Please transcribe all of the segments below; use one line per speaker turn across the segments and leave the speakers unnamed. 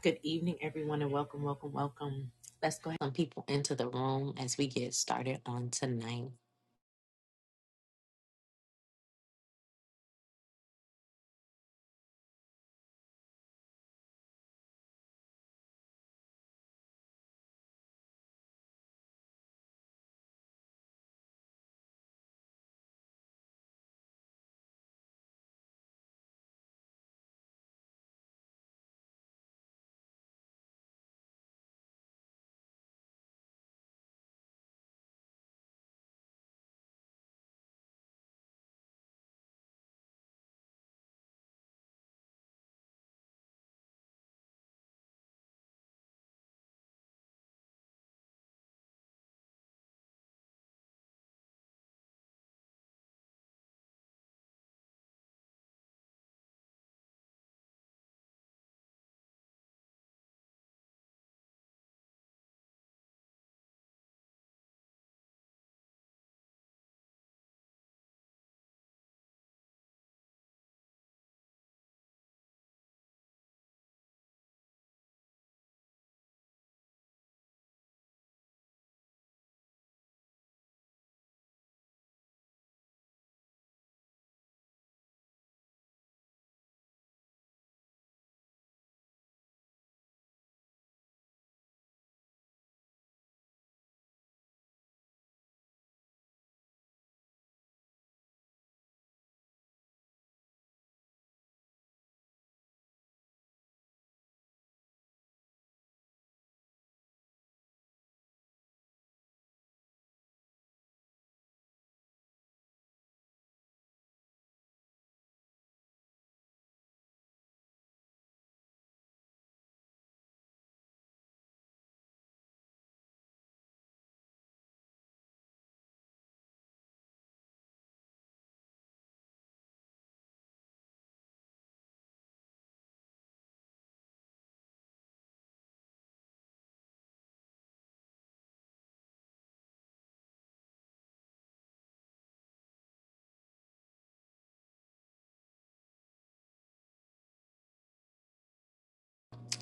Good evening, everyone, and welcome, welcome, welcome. Let's go ahead and people into the room as we get started on tonight.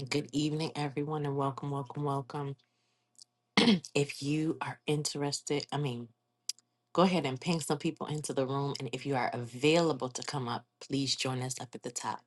Good evening, everyone, and welcome, welcome, welcome. if you are interested, I mean, go ahead and ping some people into the room. And if you are available to come up, please join us up at the top.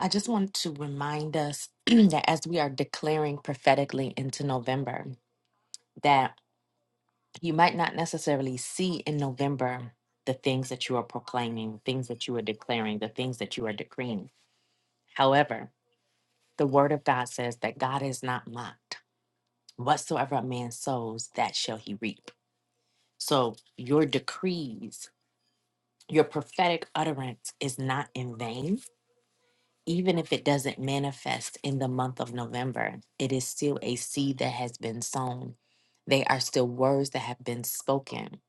I just want to remind us that as we are declaring prophetically into November, that. you might not necessarily see in November the things that you are proclaiming, things that you are declaring, the things that you are decreeing. However, the word of God says that God is not mocked. Whatsoever a man sows, that shall he reap. So your decrees, your prophetic utterance is not in vain. Even if it doesn't manifest in the month of November, it is still a seed that has been sown. They are still words that have been spoken.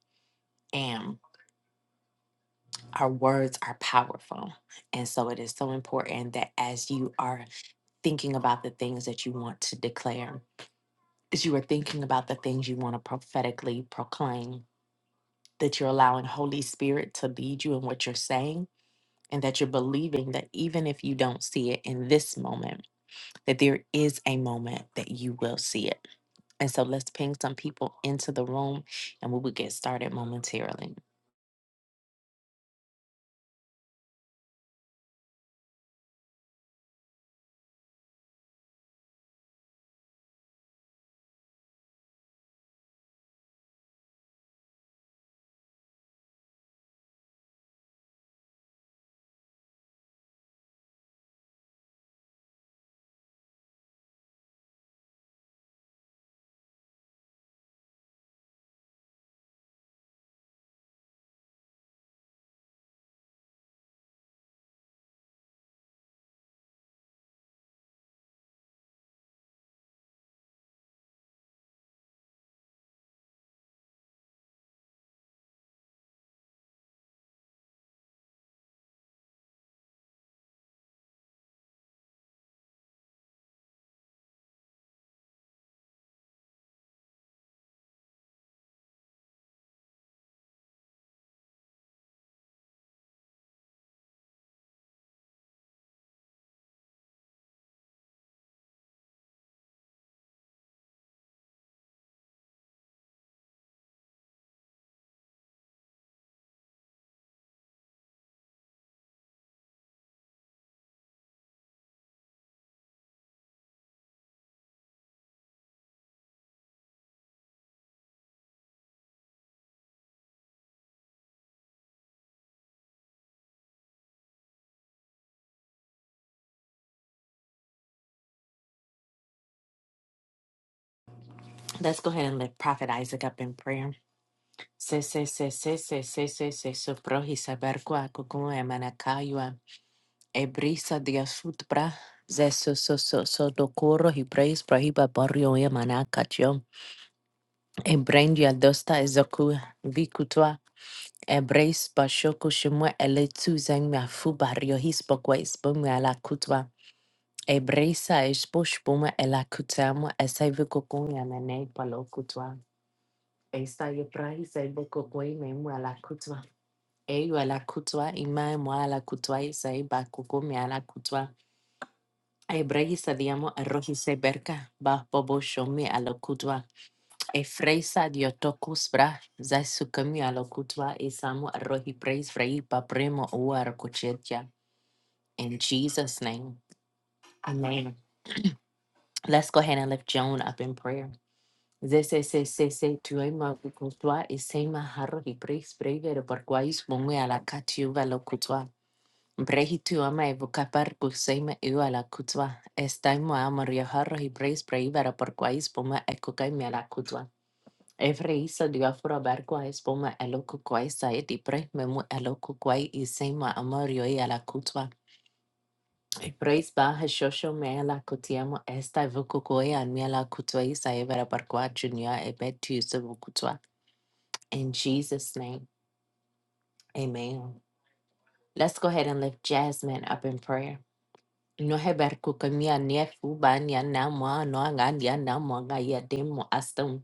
And our words are powerful. And so it is so important that as you are thinking about the things that you want to declare, as you are thinking about the things you want to prophetically proclaim, that you're allowing Holy Spirit to lead you in what you're saying, and that you're believing that even if you don't see it in this moment, that there is a moment that you will see it. And so let's ping some people into the room and we will get started momentarily. Let's go ahead and lift Prophet Isaac up in prayer. Se se se se se se se se soprohi saberqua cucue manacayua e brisa de asutpra ze so so so so docoro hi praise prohiba barrio e manacacho e brendi adosta e zoku vicutua e brace bashoku shimwe ele tu zeng mea fu barrio hispokwe ispomu ala kutwa e brisa e sposhpuma ela kutamu e saivu cucue amane palo kutwa e sai e prahi saivu cucue memu ala Eyo a la kutwa, ima mo a kutwa, isa e ba me a kutwa. Ay bragisa diamo arroz y ba bobo shomi ala kutwa. E freisa diotokus bra, za sukami a kutwa, isamo arroz y praise frei pa premo u arcochetia. In Jesus' name. Amen. Let's go ahead and lift Joan up in prayer. Zese se se se tu ima kutwa, isema arroz y praise breve de porquais bumi a la katiuva lo kutwa. Brehi tuama e vukapar pulseima iwa la kutwa. Estai moa moriaharro y breis breivara por quais poma e kukai mea la kutwa. Evreisa diafura barqua es poma eloku quai saet y pre memu eloku quai y seima amorio y a la kutwa. E breis baja shosho mea la kutiamo estai vukukoi an mea la kutwa y saevara por qua junia e betu se vukutwa. In Jesus' name, amen. Let's go ahead and lift Jasmine up in prayer. No heber kukamia niefu ba nianamwa no anga nianamwa nga ya demo astam.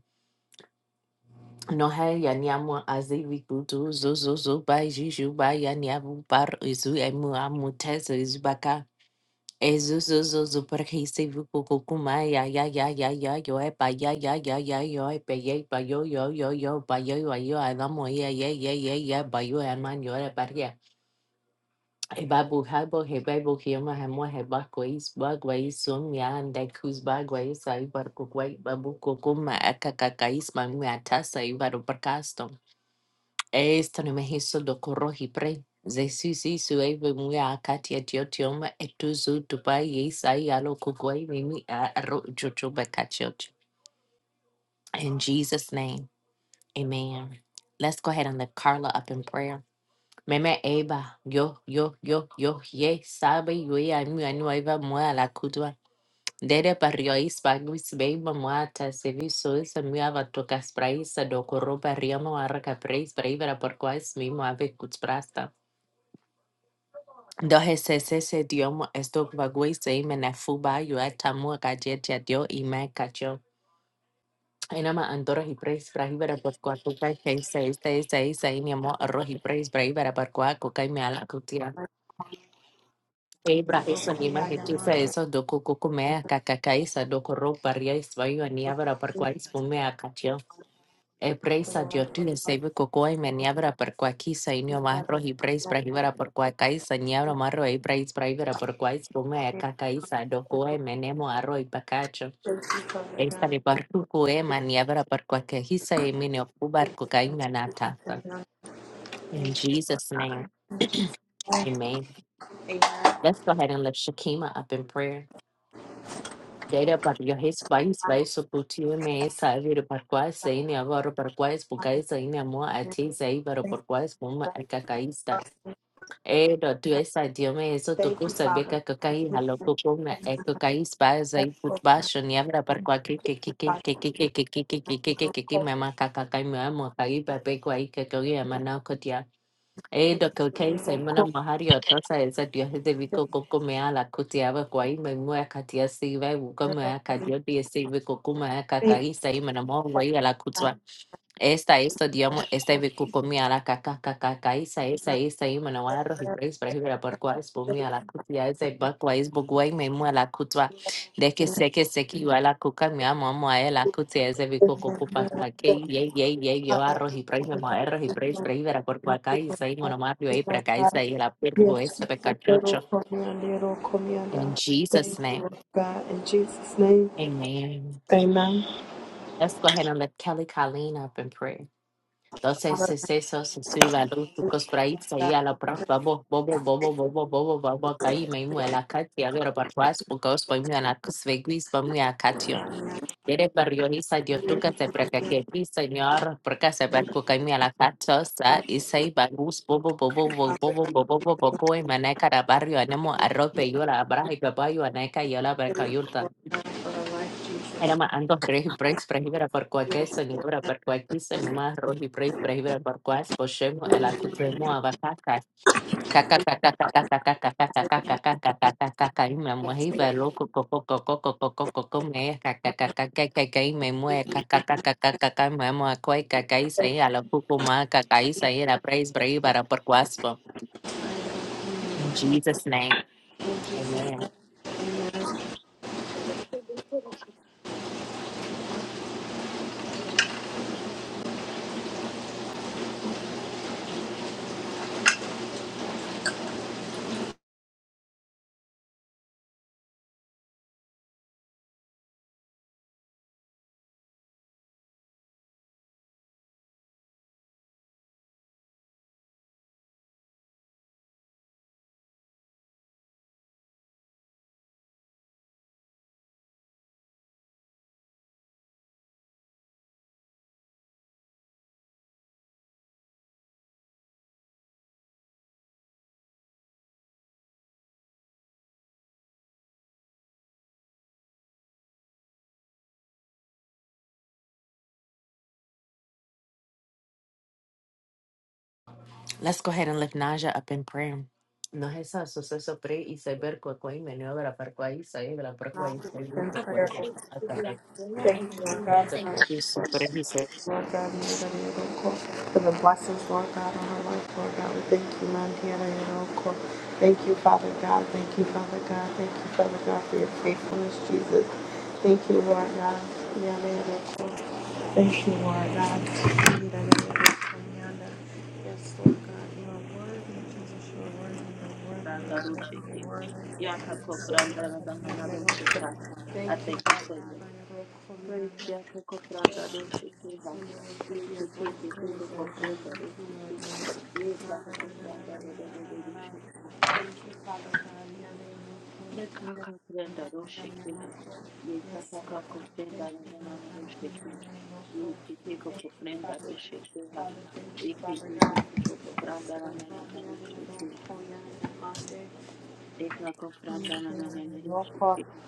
No he ya niamwa azivi kutu zo zo zo ba juju ba ya niavu par izu emu amutezo izu baka. Ezu zo zo zo per hisivu kukukuma ya ya ya ya ya yo e ba ya ya ya ya yo e pe ye ba yo yo yo yo ba yo yo yo adamo ye ye ye ye ye ba yo eman yo e Hebabu habo hebabu hioma hamwa hebako is bagwa is somia and I kus bagwa is I barko babu kokoma akakaka is mamu atasa ibaro percasto. Esto ne mehiso do corrohi pre. Zesisi sueve mua akati atiotioma etuzu tupai yes I alo kuguai mimi aro jojo bakachiot. In Jesus' name, amen. Let's go ahead and lift Carla up in prayer. Meme Eva, yo, yo, yo, yo, ye, sabe, yo, ye, ami, anu, eva, moa, la kudwa. Dere pario ispa, guis, beiba, moa, ta, sevi, sois, ami, ava, tocas, praisa, do, corro, pariamo, arraca, preis, praivera, por mimo, ave, cuts, prasta. Do, hesse, se, diomo, esto, vaguis, e, mena, fuba, yo, atamu, gajetia, dio, y me, cacho. Enama, andora hi, preis, praivera, por qua, toca, hesse, este, este, este, mi amor, arroz, hi, preis, praivera, por qua, coca, y me, cutia. Sasa
Yayamando
hizo ndo kuku kumeaka kakaisa ndo kurupa riaiswa hiyo niabra par spumea katio e
for the
preisa dio
life of
tine se
our
koko y me niabra par kwa kisa inio marro hi preis pra hibara por kwa kaisa niabra marro e preis pra hibara por kwa spumea kakaisa do koi me nemo arro i pakacho
Thank you, Father
sta
God.
le parku e ma niabra par kwa kahisa e mine okubar kokaina nata
Thank you,
Jesus,
Jesus. Amen.
let's go ahead and lift Shakima up in prayer. Data Sokotia me sair parquais saini saíne agora para quais bugais saíne amor a ti sair para
Thank you,
por quais mama é cacaísta.
Father.
É do tu essa dia me isso
Thank you, Father. God.
cacaí
We
halo coco me é cacaí spas aí
thank you for your successful
baixo nem abra para quais que que
victory, Father.
que que que que
We don't call-
cacaí me amo caí para pe quais que que eu amo cotia. É do cacaí mahari o
Thank
tosa essa dia de vico coco me ala cotia para quais me mo é catia se vai buco. Yo te digo,
you,
cacaí sair me namoro aí ala cotia. Esta, esto, diamo. Kukumia la kakakakaka isa isa isa imanoar
Father.
prahira porquas bumia kutia isa bakwais bugwai me muala kutwa deke se kiwala kuka mi amo amo a la kutia isa
We
viku
thank you, Lord,
ye ye ye yo
Father. We thank
y
you,
prahira mo
Lord.
erro y prahira prahira porquas
Thank you, Lord.
isa
Thank
imanoar yo
you,
ahí
Lord God.
y la perro
Yes, Jesus. Little command, little command.
Jesus
Thank you, Lord God. In Jesus' name,
name
amen.
let Kelly Colleen up in prayer entonces
Father, thank
eso se los
you,
praíts ahí a la pro bobo bobo bobo bobo bobo bobo a Katia, agora para trás, porque os põe a na que se Yere barrio hisa Dios de ti, Señor, porque saber que caí a la cachosa y se barus bobo bobo bobo bobo coi maneca da barrio anemo arrope yo la abraja y papá yo aneca yo la berca.
Lord God, for the life, Jesus.
Era ma ando rey breaks prehibera por cualquier por cualquier rohi break prehibera por cuas poshemo el caca caca caca caca y me mujer loco coco coco coco coco come caca caca caca y me mujer caca caca me mujer coi caca y se a la cucuma caca y se era praise prehibera por cuas
In
snake.
Jesus' name, amen.
Let's go ahead and lift Naja up in prayer. Nos esa suceso pre y se ver cua y meneo de la par y se ve la par
Now, the Lord's Prayer. Thank you, Lord God, for our support. Lord God, you got your little call. for the blessings, Lord God, on our life, Lord God. We thank you, man. Here, your little call. Thank you, Father God. Thank you, Father God. Thank you, Father God, for your faithfulness, Jesus. Thank you, Lord God. Yeah, your little call. Thank you, Lord God. Yeah, your little call. Yes, Lord God, you are worthy, Jesus. You are worthy.
Branda
You are worthy. You
Roshiki.
are worthy. You are worthy.
Yaka
Yes, Lord
Kopranda Radana
God. You are worthy.
Roshika.
Thank
I
you,
thank
Lord
you
God, on
for your
your rope for me,
praise.
Anda.
Yaka
Thank
Kopranda
you,
Roshiki.
Jesus, on your rope for your
Yaka
breakthroughs, Lord God.
Kopranda
Thank you, Lord
Roshiki.
God. Na,
Yaka
na,
Kopranda
na, na, na, na, na, na, na,
Roshika.
na. Thank you, Father God. Yeah,
Yaka
they
Kopranda Roshiki.
look good.
Yaka
Yes, Lord God. Yeah, they
Kopranda
look good. Yes, Lord
Radana
God.
Roshiki. Yaka
Thank you, Lord God. Yeah, they look God. Thank you, Father.
Kopranda
Thank you,
Roshiki.
Father. Thank you,
Yaka
Father God. Yes,
Kopranda
Lord God.
Radana
in your name, Lord
Roshiki.
God. Yeah, they look
Yaka Kopranda
good. Yeah,
Radana
they look God.
Roshiki.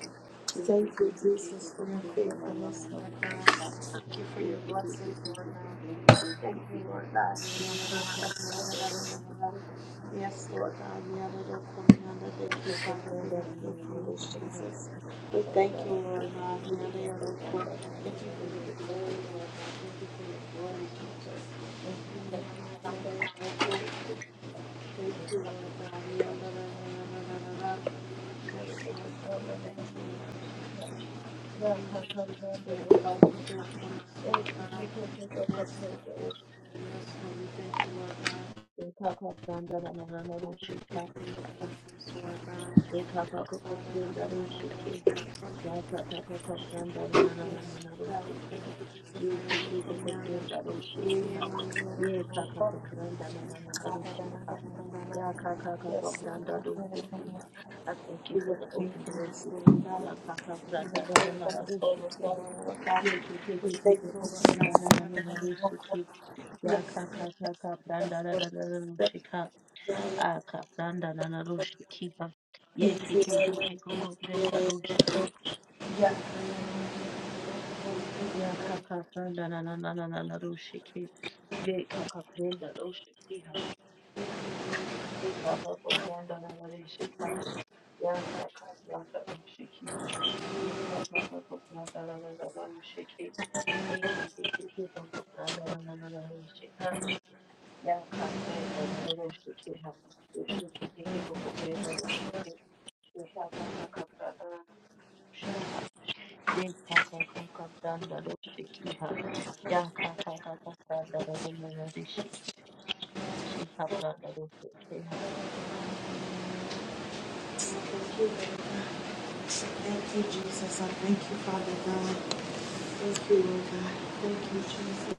Shika,
Thank you, Jesus, for your faithfulness, Lord God. Thank you for your blessings, Lord God. Thank you, Lord God. Yes, Lord God. we are the command of Thank you, Father, for your faithfulness, Jesus. We thank you, Lord God. We are the other court. Thank you for your glory, Lord God. Thank you for your glory, Jesus. Thank you, Lord God. We are the- Yes, Lord God. Thank you. Lord God.
Ekakakanda nananarushika, ekakakakokurendarushikeha, yakakakakakanda nanananarushike, yekikikokokurendarushikiha, yekakakakuranda nananarushika,
Yes,
yakakakakakurandarushikiha. I thank you
we
for
were
the
thinking
open doors
this
this
Lord
week.
God. We were
Yakakakuranda
thankful for the
nananarushikeha,
Lord God. We thank you,
yekikikokokurenda
Lord God.
nananarushike,
Yes, Lord.
yakakakakakuranda
Yes, Lord. Yes, Lord.
nananarushika. akabranda nanarushikika
Thank you, Lord.
yekekekekekokobrenga rushiki
Yeah.
yakakabranda nananananarushiki yekakabrenda rushikiha yekakakobranda nanarishika yakakabranda rushikiha yekakakobranda nananarushiki yekekekekekokbranda nananarushika yakabrenda nanarushikiha yekekekekekokbrenda rushiki yekakakabranda nanarushika Shikha, Yaka Kaka kaka Pranda, the Shiki, Shika Pranda, roshi
Thank you, Lord God. Thank you, Jesus. I thank you, Father God. Thank you, Lord God. Thank you, Jesus.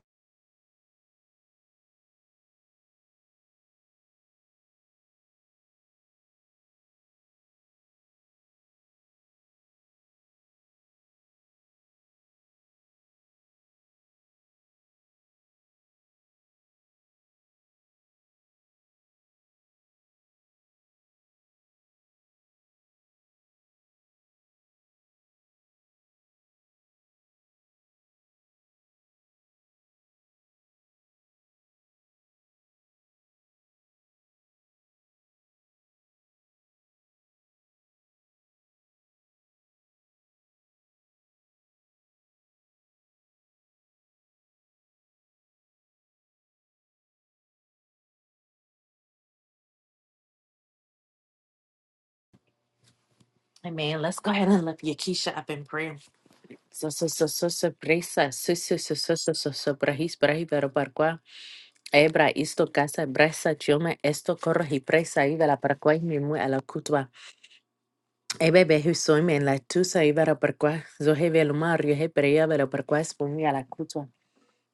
Amen. Let's go ahead and lift Yakisha up in prayer. So so so so so presa so so so so so so so brahis brahi pero parqua ebra isto casa bresa chiome esto corro y presa y vela parqua y mi mu a la cutua ebe behu soime en la tusa y vera parqua zohe velumar yohe perea vera parqua espongi la cutua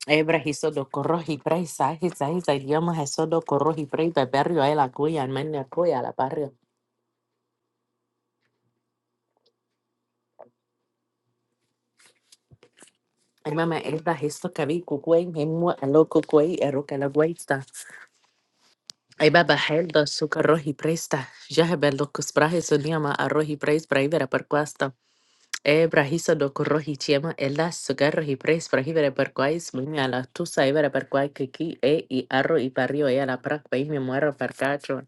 Ebra hizo do corro y presa, hisa, hisa, idioma hizo do corro y prey, beberrio, el acuya, el men acuya, la barrio. Ay, mamá, esta hizo que vi cucuey, mismo el loco cuey, la guaita. Ay, baba, el do su corro y presta. Ya he bel locos brajes, su niama, arroz y preis, para ibera per cuesta. Ebra hizo do chiema, el su garro y para ibera per cuais, muña la tusa, ibera per cuai, kiki, e, y arro y barrio, ella la prac, país, me muero per cacho.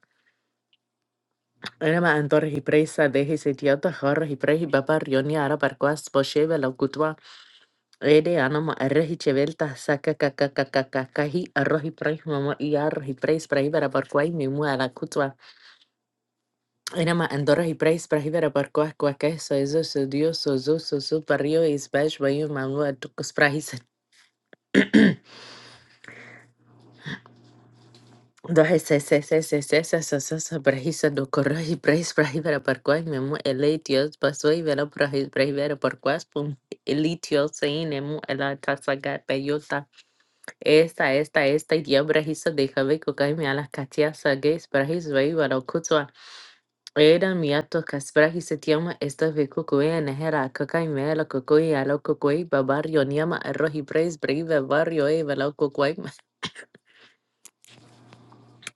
Enama antora hiperis a dehi setiato har hiperi babar rioni arabar kuas pochevela kutwa ede anama arhi chevelta sakka kakakakakakhi arhi price mamu i arhi price price arabar kuai mi muala kutwa enama antora hiperis price arabar kuas kuakeso eso sudiyo soso soso pario isbaish bayu mamua tuks price. Dohe se se se se se se se se se brahisa do corrohi brais brahi vera parquas memu eletios pasoi vera brahis brahi vera parquas pum elitios seinemu ela tasaga peyota esta esta esta idia brahisa de jave kokai me alas katia sages brahis vai vera kutsua era miato kas brahis tiama esta ve kokoi nehera kokai me ala kokoi ala kokoi babarrio niama rohi brais brahi vera barrio e vera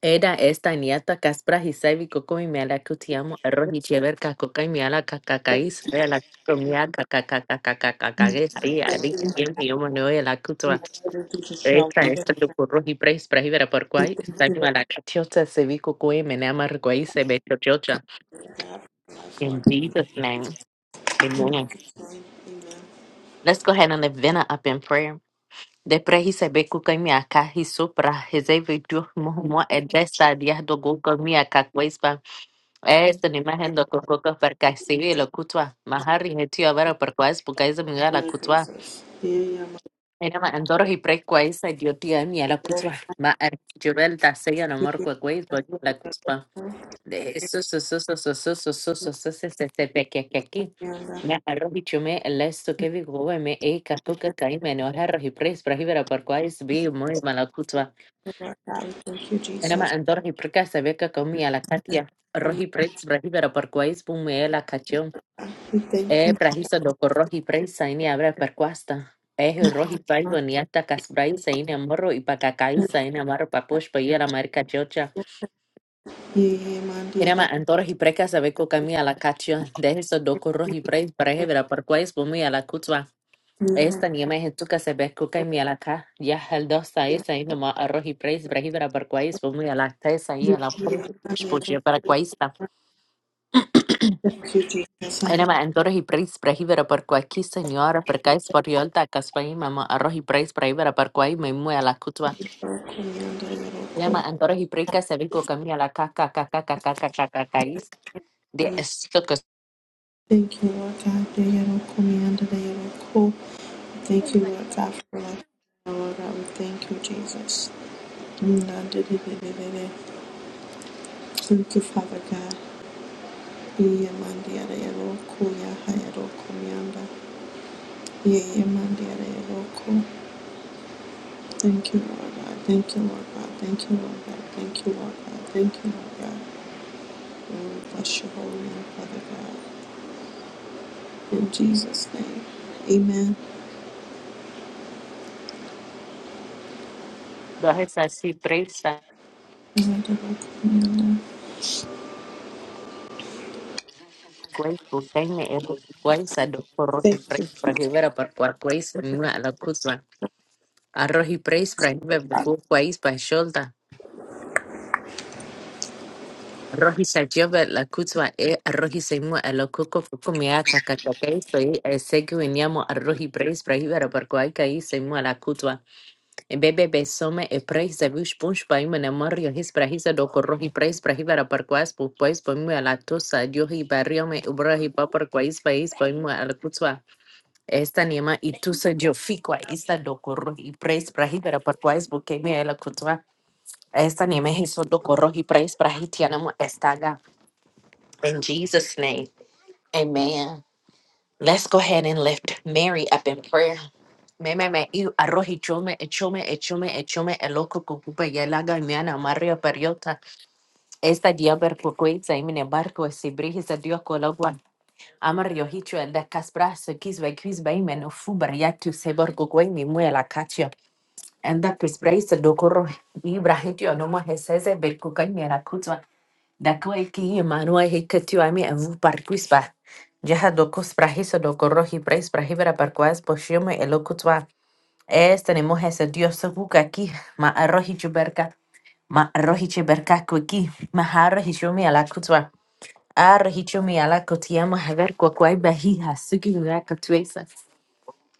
Era esta niata caspra hisai coco y sábico con mi mala que te amo, arroz y chever cacoca y mala cacaca. Era la comida cacacacacacacaca. Y ahí bien mi amo no era la cutua. Por rojo y preis, preis, vera por cuatro. Chota sábico con mi mala amargo ahí se ve chocha. In Jesus' name. Let's go ahead and lift Vena up in prayer. De prehi sebe kuka mi akahi supra hezeve du muhumwa edresa diah dogo kami akakwaispa.
I
Es kutoka
thank
parkaisivile kutwa mahari hetio bara parkwais pukaiza
you,
mingala
Lord
kutwa
Jesus. Yeah, yeah, my
enama andoro hi prekwaisa diotia mi la kutwa
Lord.
ma arjural ta seya no
Thank
mor
you,
kwa kwais bo la
Lord God.
so so so so so so so so so se se
Yeah, Lord.
chume lesto ke vi gowe me e ka
Yeah,
kai me no harro hi
Lord God. I Thank you,
ma
Jesus.
andoro hi prekaisa beka komi ala
And
rohi Brahibera parkwais pume la
We thank
E
you,
brahisa doko rohi praisa ini abra perquasta. Ehe rohi
Lord.
paio ni ata kasbraisa ini amorro i pakakaisa ini amarro papush pa la marca chocha.
Yeah, yeah, my dear.
Antoro hi preka sabe ko kami ala kachio. Dehe so doko rohi prais parehe vera perquais bumi ala kutswa. Esta niema he tuka sabe ko kami ala ka. Ya hel dosta isa ini ma a rohi prais brahi vera perquais bumi ala tesa ia. Ya perquais.
Thank you, Jesus. I
Enema antoro hi prais brahi vera perquais señora perquais Kaspai mama arroz y praise para ir a parquai me mue a la cutua.
thank you,
Antoros y prica se vico camia la caca caca caca caca caca.
Lord.
De esto que
Thank you, Lord God. They had a command, they had a call. Thank you, Lord God, for life. Lord God, we thank you, Jesus. Nda de de de de de de. Thank you, Father God. Iye mandia de eroko ya hayeroko mianda. Iye mandia de eroko. Thank you, Lord God. Thank you, Lord God. Thank you, Lord God. Thank you, Lord God. Thank you, Lord God. Oh, bless your holy name, Father God. In Jesus' name, Amen.
dos es así presa.
Nda de eroko mianda.
Cuais putaine el cuais a dos porros
Thank you.
y vera par cuar cuais mue a la cutua. Arroz y praise para cuais pa sholda. Arroz y sajova la cutua e arroz y se mue a la cuco fuku miaca. Ok, soy el seguimiento arroz y praise para ir a parquai caí se mue a la cutua. Bebe besome e preis a vush punch pa ima na morio his prahisa do corro preis prahibara par quas pa ima la tosa dio hi barrio me quais pais pa ima al kutswa esta niema i tu se do corro preis prahibara par quais la kutswa esta niema hi so do corro preis prahitiana estaga in Jesus name amen Let's go ahead and lift Mary up in prayer. Me me me iu arroji chome e chome e chome e chome e loco cucupa yelaga miana mario periota. Esta diaber cucuiza y mine barco e si brigis a dio cologua. Amario hicho el de casbraso kisve kisve y meno fubar ya tu sebor cucue mi mue la cacio. And that is brace the docoro ibrahitio no more hesese bercuca y mera Dakwai ki manua hikatu ami avu vu parquispa. Yaha docos prahiso doco rohi pres prahibera parquas poshiome elocutwa. Es tenemos ese dios buca aquí, ma arroji chuberca, ma arroji chuberca cuiki, ma arroji chumi a la cutua. Arroji chumi a la cutiama haber cuacuai bahija, suki luaca tuesa.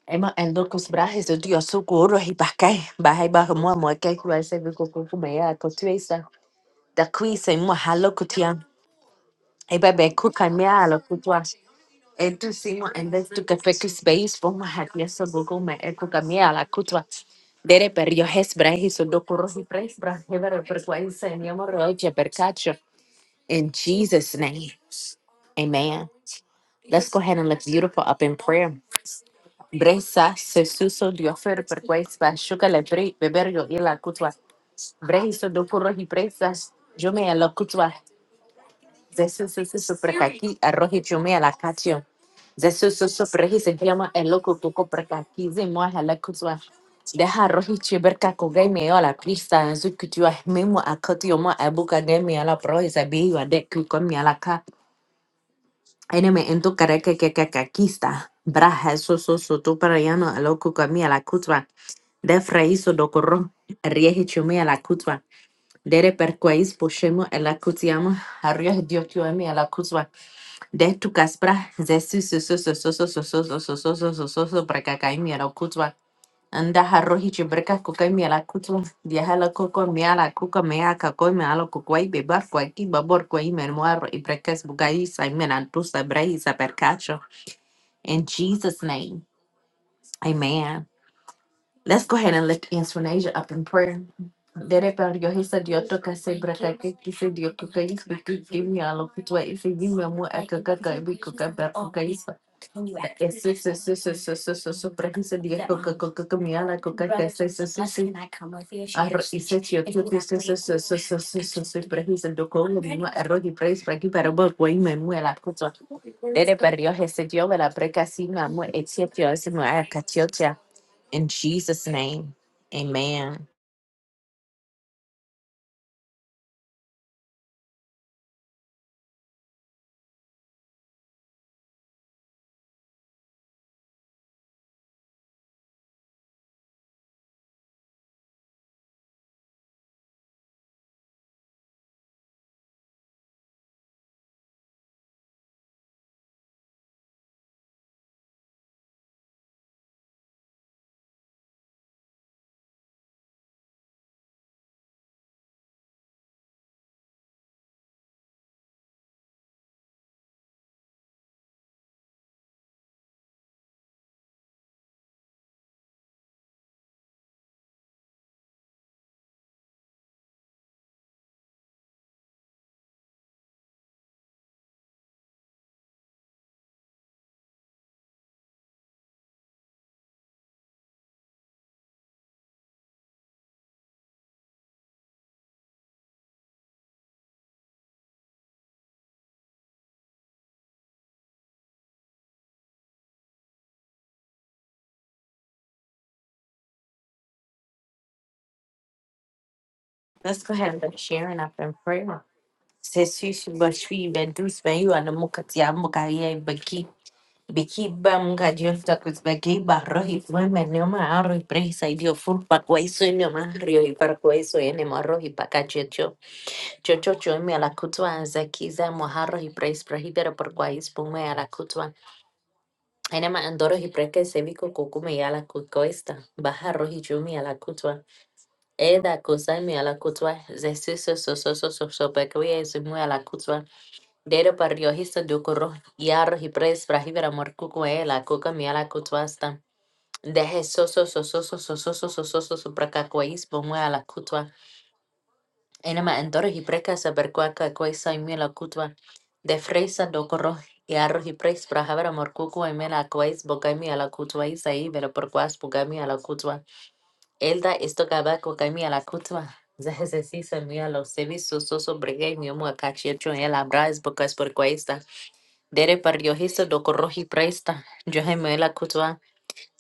Emma and locos brajes de dios sucuro y bacay, bajai bajo mua mueca cual se vico cucumea cotuesa. Da qui se mua halo kutiam. Ebebe kukanyala kutwa etu simo endestu kefeku space foma hatieso gugu me eku kamiala kutwa dere per yo hesbra hiso dokuro hi presbra hebere per kwaisa en yomo roche per kacho in Jesus name amen let's go ahead and lift beautiful up in prayer Bresa se suso diofer per kwaisa shuka le pre beber yo ila kutwa brehiso dokuro hi presas yo me ala Zesu susu suprakaki arohi chumi alakatio. Zesu susu prehi se llama el loco tuco prakaki zimo halakutwa. Deja rohi chiberka kogai me ola krista zukutua mimo akotio mo abuka de mi ala prohi sabi wa de kuko mi alaka. Eneme en tu kareke que kakista. Braja susu sutu parayano el loco kami alakutwa. De fraiso dokoro. Riehi chumi alakutwa. Dere perquais poshemo alakutiamo. Arrios diotio a mi alakutwa. De tu caspra, de su su su su su su su su su su Anda harrohi chibreca cuca miela cutua. Viaja la coco mea caco miela cucuay bebar cuaki babor cuay mermuar y brecas bugay saimena tusa bray sapercacho. In Jesus' name, amen. Let's go ahead and lift Inspirnasia up in prayer. Dere per yo hisa dio toka se brata ke kise dio kuka is biki gimi alo kutwa isi gimi amu aka kaka ibi kuka ber kuka is ese se se se se se se se pre dio kuka kuka kami ala kuka kese se se se se. arro ise tio tio kise se se se se se se se pre do kongo mima arro di pre is pre bol kwa ima mu ala kutwa Dere per yo hisa dio vela pre kasi ma etia tio isi mu aka in Jesus' name, amen. Let's go ahead and get sharing up in prayer. Sesi shibashi bedus ben you and mukati baki baki bamga jefta kus baki barro hi fume nema arro hi presa idio fur pakwaiso nema rio hi pakwaiso ene marro hi pakachecho chocho chomi ala kutwa anzakiza moharro hi pres prohibera pakwais pume ala kutwa enema andoro hi preke seviko kukume ala kukoista baharro hi chomi ala kutwa Eda kusami ala kutwa, zesiso soso soso sopekwe esimu ala kutwa, dero pario hisa dukuro, yaro hipres brahibera morkuku e la kuka mi ala kutwa sta. Deje soso soso soso soso soso soso prakakwa ispo mu ala kutwa. Enema endoro hipreka saberkwa kakwa isa imi ala kutwa. De fresa dukuro, yaro hipres brahibera morkuku e me la kwa isbo gami ala kutwa isa i vero porkwas pugami ala kutwa. Elda estokaba kokami la kutwa. Zahesesi samia lo sevi soso sobrege mi omo akachiecho el abraz bocas por cuesta. Dere par yo hizo do corroji presta. Yo hemo la kutwa.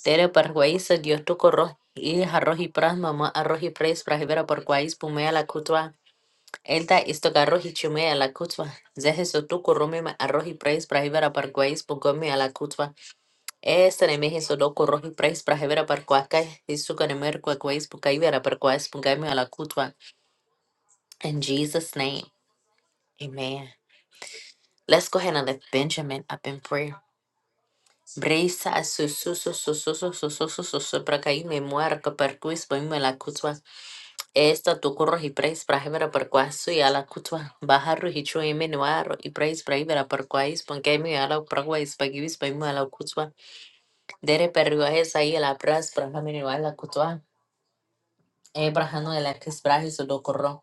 Dere par guaisa dios tu corroji. Y arroji pras mama arroji pres prajevera por cuais pumea la kutwa. Elda estogarroji chumea la kutwa. Zeheso tu corrome ma arroji pres prajevera por cuais pugome a la kutwa. Esta ne mehe sodo koro hi price pra hevera par kwa kai hisu kane mer kwa kwa ispu kai vera par kwa ispu kai me ala kutwa. In Jesus' name, amen. Let's go ahead and lift Benjamin up in prayer. Brisa a su su su su su su su su su su su. kwa ispu me muerco para cuis poime la kutwa. Esta tu corro y preis para hebra por cuaso y a la cutua. Bajarro y chu y menuaro y preis para hebra por cuais ponque mi a la pragua y spaguis pa a la cutua. Dere perrua es ahí a la pras para menuar la cutua. Abrahanu elakis brahiso dokoro.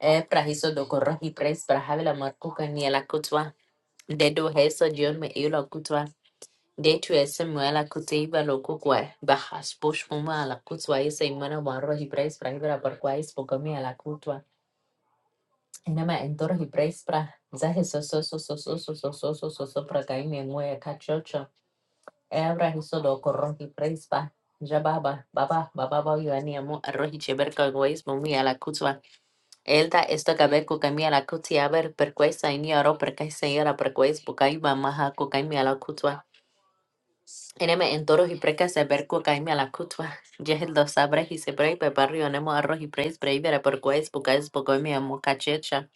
E prahiso dokoro hi pres brahavila markuka ni ela kutwa. Dedo heso jion me eula kutwa. Detu ese muela kuteiba lo kukwa. Bahas bush muma ala kutwa isa imana waro hi pres brahivira barkwa is pogami ala kutwa. Inama endoro hi pres bra. Zahe so so so so so so so so so so so prakaime muya kachocho. Ebra hiso dokoro hi pres ba. Jababa, baba, baba, baba, yuani amo, arrohi cheberka guais, mumi ala kutwa. Elda, esto gaber kukami miala kuti aber per questa in yaro per kai señora per quais bukai mamaha kukai miala kutwa. Eneme en toros y precas se ver kukai miala kutwa. Yehel dos sabres y se brei per barrio nemo arroz y preis brei per quais bukais bukoi amo cachecha.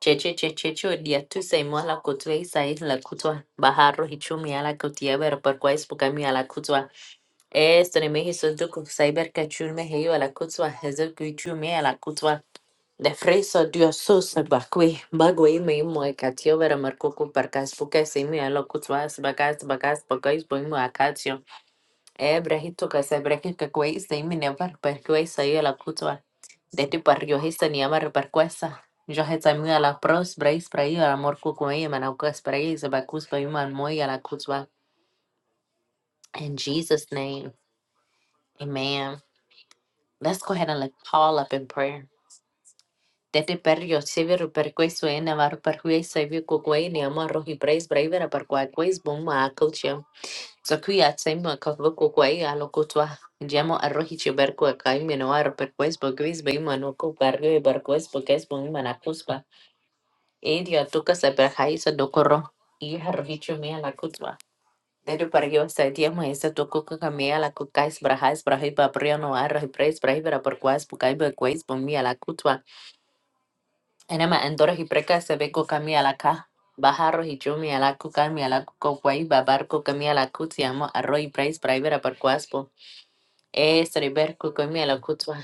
Cheche chechecho dia tu se mo la kutwa y sa la kutwa. Baja arroz y chumi ala kutia ver per quais bukai miala kutwa. Esto ne hizo duku saiber kachul me heyo ala kutwa. Hezo kuchumi ala kutwa. De fresa Dios sus bakui bagui mi moi katio vera markuku parkas puka si mi alo kutsvas bakas bakas bakais boi mu akatio. E brehito ka se brehi ka kuei si mi nevar perkuei sa yo la kutva. De ti par yo hisa ni amar perkuesa. Yo heta mi ala pros breis brei ala morkuku e manaukas brei se bakus boi mu an moi ala kutva. In Jesus' name, amen. Let's go ahead and let Paul up in prayer. Tete per yo severu per questo e navar per cui sevi ku kwe amaro hi praise bravera per qua quais bom ma culture. So qui at sem ma kavu ku kwe a lo kutwa. Jamo arro hi che ber kai me no ar per quais bo quais be ma no ku per ge per quais bo quais bom ma na kuspa. E dia se per hai sa do korro. I arro hi che me a la kutwa. Tete per yo se dia esa tu ku a la kūkais kais brahais brahi pa prio no arro hi praise bravera per quais bu kai be quais bom mi a la kutwa. Enema endoro hipreka sebeko kami alaka. Bajarro hichumi alaku kami alaku guay babarco kami alaku tiamo arroy price private aparcuaspo. Estreber kukami alakutwa.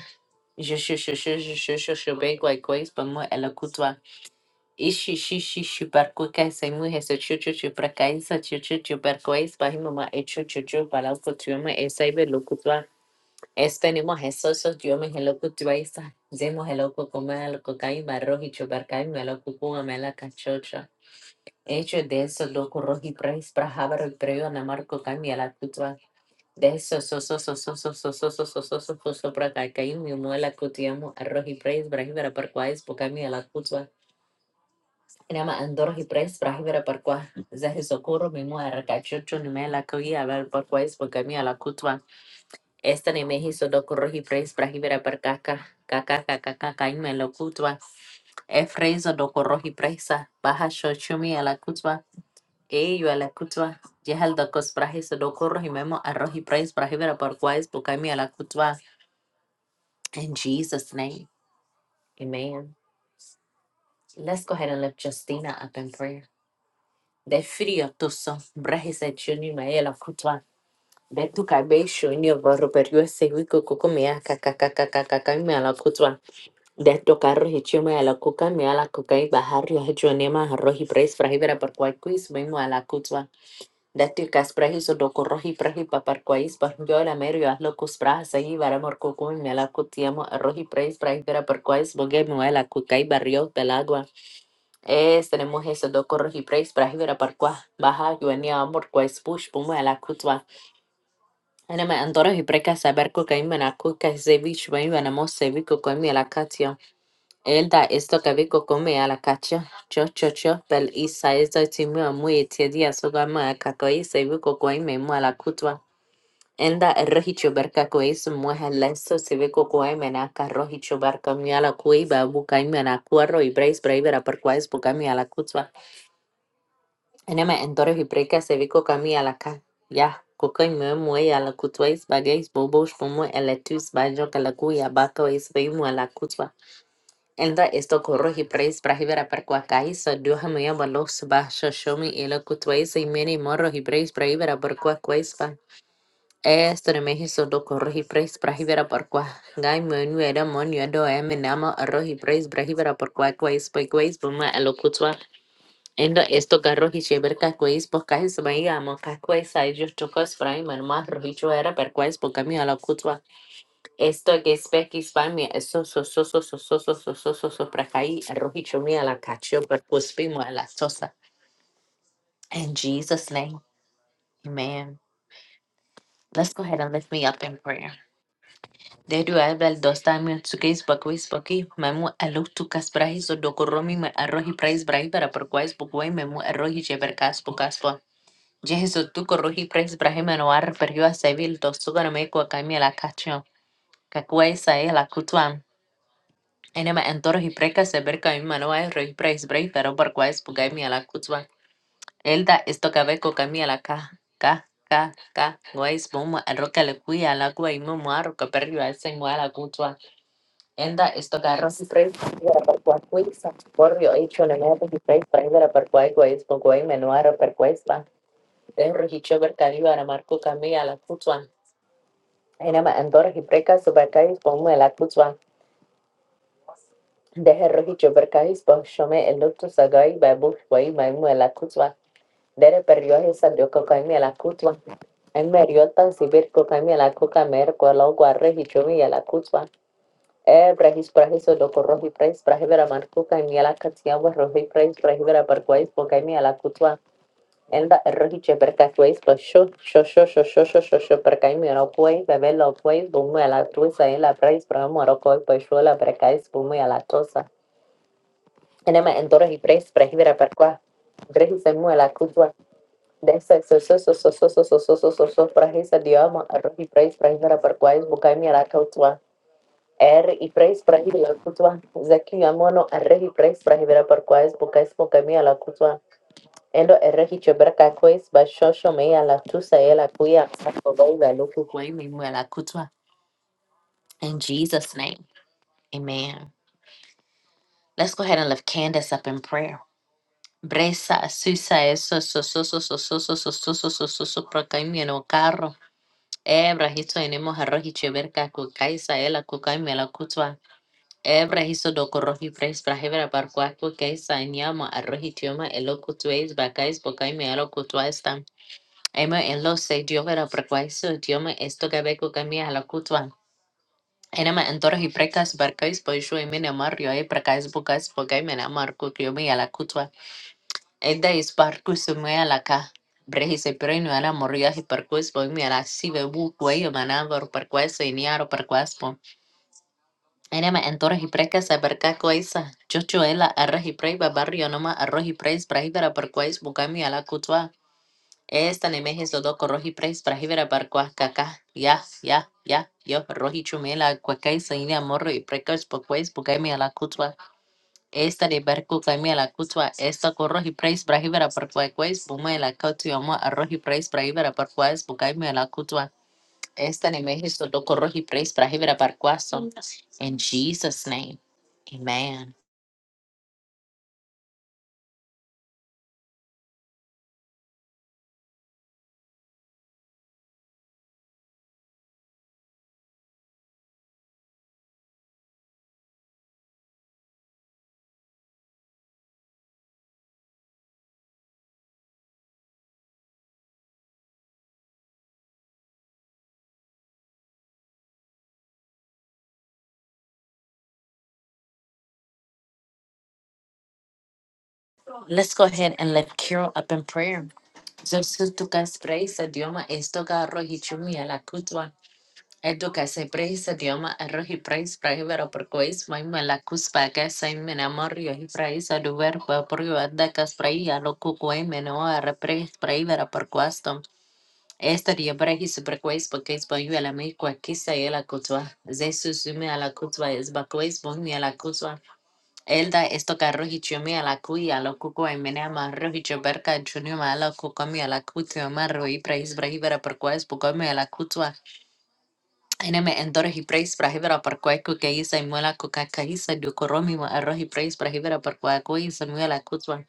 Ishi Es Esperemos eso, so yo me hello ku tuaisa. Zemo hello ku kuma el kokai barro y chupar kai me lo kuku me la cachocha. Hecho de eso loco roji prais para haber el preo na marco kai me la kutua. De eso so so so so so so so so so so so so so mi mo la kutiamo a roji prais para hibera par kwais po kai la kutua. Enama andor roji prais para hibera par kwa. Zahi socorro mi mo a cachocho ni me la kuia ver par kwais po la kutua. Estani mehi sodo praise, pres prahibera perkaka kaka kaka kaka ime lo kutwa. E frezo do korohi presa baha shochumi ala kutwa. E yo ala kutwa. Jehal do kos prahi sodo korohi memo arrohi praise, prahibera perkwais bukami ala kutwa. In Jesus name. Amen. Let's go ahead and lift Justina up in prayer. De frio tuso brahi se chuni me ala kutwa. De tu kabe shuni o baru perio se wiko kukumia kaka kaka kaka kaka ime ala kutwa. De tu carro y chume a la cuca, me a la cuca y bajar yo hecho nema a roji pres frahibera por cuai quiz, vengo a la cutua. De tu casprejis o doco roji preji pa par cuais, par yo la merio hazlo cus prajas ahí, vara mor cucu, me a la cutiamo a roji pres frahibera por cuais, bogue me a la cuca y barrio del agua. Es tenemos eso doco roji pres frahibera por cua, baja yo ni amor cuais push, pumo a la cutua. Anema andoro y preca saber cuca y menacuca, sevich, vengo a namo sevico con me a la cutia. Elda es lo que vi come a la Cho cho cho bel isa es da a muy te dia soga ma a kakoi se vi kokoi me kutwa. Enda rohicho berka koi su mueja leso se vi kokoi me na ka rohicho berka mi a la ba bukai me na kuarro y breis breivera per kuais bukai me kutwa. Enema endore hi breka se vi kokami a ka. Ya. Kokoi me mue a kutwa is bagais bobos como eletus bajo kalakui a bako is veimu ala kutwa. Elda esto corrohi praise prahibera perquacai, so duhamia balos basho shomi elo kutwais y mini morro hi praise prahibera perquaquaispa. Esto de mehiso do corrohi praise brahivera per perqua. Gai menu era monio do eminama arrohi praise prahibera perquaquaispa quais buma elo kutwa. Endo esto garrohi cheberca quais pocais maiamo caquais a ellos tocos fraiman más rohicho era perquais pocamio elo kutwa. Esto que es peki spamia, eso so so so so so so so so so so prakai, rohicho mia la cacho, pra cuspimo a la sosa. In Jesus' name, amen. Let's go ahead and lift me up in prayer. Dedu ebel dosta mi tsukis bakwis baki memu aluk tukas brahis o dokoromi me arrohi prais brahi para perkwais bukwai memu arrohi jeberkas bukaspo. Jehizo tu korrohi prais brahi menoar perjua sevil dostugan meko akamia la cacho. Kakuai sae la kutuam. انما entoros y presas se ver camino mano es rey pres brei pero por cuál es pugai mi ala elda esto cabe co cami ala ka ka ka ka guais bomo a roca le cuya ala gua y momo a roca perrio a ese moa ala kutswa enda esto carro si pres para por cuál cuisa porrio hecho en el de pres para ir para cuál guais por menuaro per cuesta de rojicho ver cari para marco cami ala kutswa enama entoros y presas se ver cais bomo ala kutswa Deje Yoberkais, Boshome, Elutu Sagai, Babu, Way, Maimu, Elakutwa, Dere Perioje, Sadio Cocaime, Elakutwa, En Meriota, Sibir, Cocaime, Elacuca, Mer, Kualo, Guarre, Hichomi, Elakutwa, E, Brahis, Brahis, Loco, Roji, Preis, Brahivera, Marcuca, Miela, Catiamba, Roji, Preis, Brahivera, Parquais, Cocaime, Elakutwa, Enda, Roji, Yoberkais, Bosho, Shosho, Shosho, Shosho, Shopercaime, Oroquay, Bebelo, Quay, Bumu, Elatuisa, Ela, Preis, Brahmo, Oroquay, Boshuela, Percais, Bumu, Elatosa, Enema en Doros y Pres, Prajivera Parqua, Grejisa Muela Cutua, Desa Sososo Sososo Sososo Soso Prajisa Dioma, Arroz y Pres, Prajivera Parqua, es Bucaimi Aracautua, Er y Pres, Prajivera Cutua, Zaki Amono, Arreg y Pres, Prajivera Parqua, es Bucais Bucaimi Alacutua, Endo Erreg y Chebraca Cues, Bashosho Mea La Tusa Ela Cuya, Sacobay, Baluku Cuemi Muela Cutua. In Jesus' name, amen. Let's go ahead and lift Candace up in prayer. Bresa, susa, eso, so, so, so, so, so, so, so, so, so, so, so, so, procaimeno, carro. Ebra, hizo, enemo, arroji, cheverca, cucaisa, ela, cucaimela, cutua. Ebra, hizo, docoroji, pres, brajebra, barcua, cucaisa, enyama, arroji, tioma, elo, cutueis, bacais, bocaime, elo, cutua, estam. Ema, en lo, se, diovera, percuaiso, dioma, esto, gabe, cucaimia, la cutua. Enema, entoros y precas, barcais, poishu, emene, mario, e, precais, bucais, bocaime, amar, cuciomi, a la cutua. Eda is parkus moya laka. Brehis e prenu ala moria hi parkus po mi ala si be bu kueyo manavor parkuesa y niaro parkuaspo. Enema entora hi preka sa berka kuesa. Chocho ela arra hi preba barrio noma arro hi preis brahibera parkues bukami ala kutwa. Esta ne mehes do doko rohi preis brahibera parkuas kaka. Ya, ya, ya. Yo rohi chumela kuakaisa inia morro y prekas pokues bukami ala kutwa. Esta de barku kami la kutwa esta korro hi praise brahibera por kwaikwais buma la kotu yamo arro hi praise brahibera por bukami la kutwa esta ni mehisto do korro hi praise brahibera por In Jesus' name, amen. Let's go ahead and lift Carol up in prayer. Zosu tukas praise adioma esto garro hi chumi la kutwa. Edukasai praeis idioma ero hi praeis praivero por quais mai malakus pagas sai menamor yo hi praeis aduver hua por yo adakas prai alo kukuai meno ara praeis praivero por quastom. Esta dia brehi super quais pakeis bon yu ala a kwa kisa e la kutwa. Zesu sume ala kutwa es bakwais bon mi ala kutwa. Elda esto carro hichiomi la kui alo kukuai menama rohicho berka junioma ala a ala kutio marro hi praeis braivero por quais bukomi ala kutwa. Ainame endorohi praise brahibera parquaku kei Samuela kukakaisa dukoromi wa arohi praise brahibera parquaku i Samuela kutwa.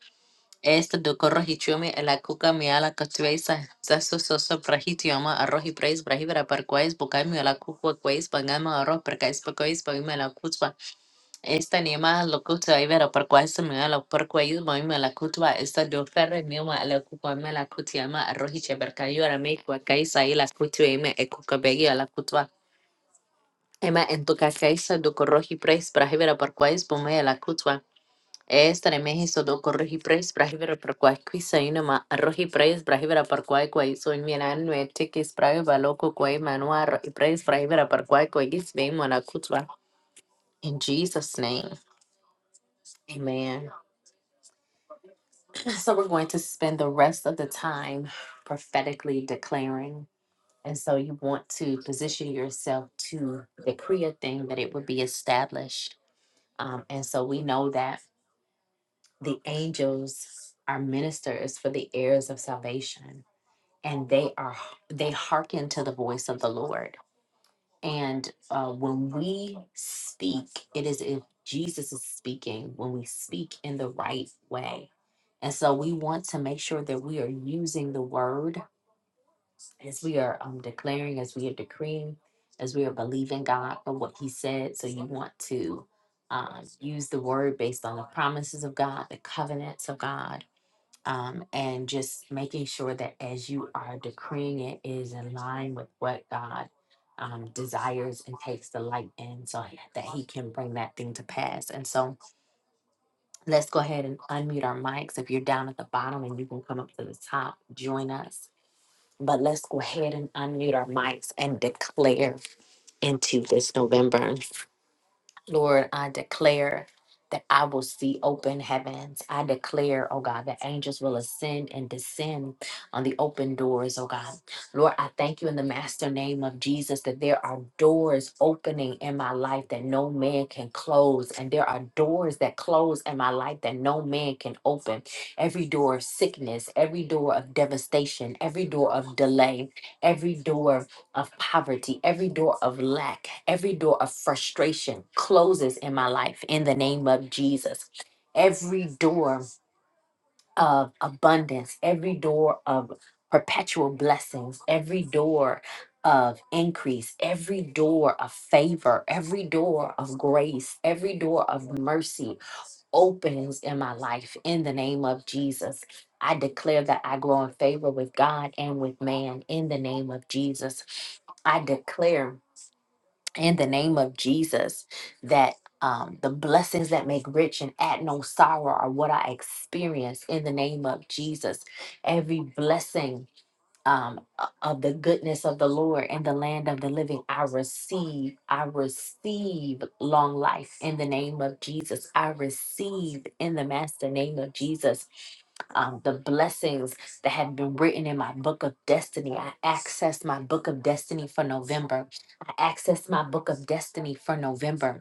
Este dukorohi chumi ela kuka miala katuesa. Zasu soso brahitioma arohi praise brahibera parquais bukami ela kukwa quais pangama aro perkais pakois pangima la kutwa. Esta nima lokuta ibera parquais Samuela parquais boima la kutwa. Esta do ferre miwa la kukwa mela kutiama arohi cheberkayo aramei kwa kaisa ila kutu ime ekuka begi ela kutwa. Emma, en tu cacaisa do corroji pres brahivera por quais pomea la cutua. Esta de México do corroji pres brahivera por quais quisa inama arroji pres brahivera por quais quais soin mina nue tiquis brahiva loco quai manua arroji pres brahivera por quais quais vemo la cutua. In Jesus' name, amen. So we're going to spend the rest of the time prophetically declaring. And so you want to position yourself to decree a thing that it would be established. Um, and so we know that the angels are ministers for the heirs of salvation and they are they hearken to the voice of the lord and uh, when we speak it is if jesus is speaking when we speak in the right way and so we want to make sure that we are using the word as we are um, declaring as we are decreeing as we are believing god for what he said so you want to um, use the word based on the promises of god the covenants of god um, and just making sure that as you are decreeing it, it is in line with what God um, desires and takes delight in so that He can bring that thing to pass. And so let's go ahead and unmute our mics. If you're down at the bottom and you can come up to the top, join us. But let's go ahead and unmute our mics and declare into this November. Lord, I declare that I will see open heavens. I declare, oh God, that angels will ascend and descend on the open doors, oh God. Lord, I thank you in the master name of Jesus that there are doors opening in my life that no man can close, and there are doors that close in my life that no man can open. Every door of sickness, every door of devastation, every door of delay, every door of poverty, every door of lack, every door of frustration closes in my life in the name of Jesus. Every door of abundance, every door of perpetual blessings, every door of increase, every door of favor, every door of grace, every door of mercy, openings in my life in the name of Jesus. I declare that I grow in favor with God and with man in the name of Jesus. I declare in the name of Jesus that um, the blessings that make rich and add no sorrow are what I experience in the name of Jesus. Every blessing um, of the goodness of the Lord in the land of the living. I receive, I receive long life in the name of Jesus. I receive in the master name of Jesus um, the blessings that have been written in my book of destiny. I access my book of destiny for November. I access my book of destiny for November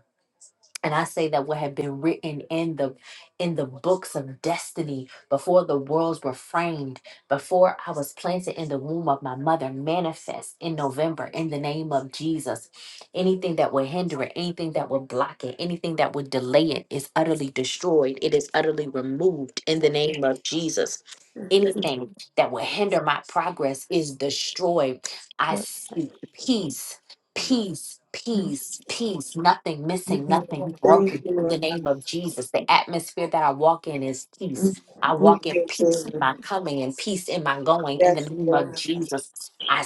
and i say that what had been written in the in the books of destiny before the worlds were framed before i was planted in the womb of my mother manifest in november in the name of jesus anything that would hinder it anything that would block it anything that would delay it is utterly destroyed it is utterly removed in the name of jesus anything that would hinder my progress is destroyed i peace peace peace peace nothing missing Thank you,
Thank you, Lord. I
Lord Jesus. The atmosphere that I walk in is peace. I walk
need your favor.
coming in peace in my going in
Yes, Lord.
Jesus.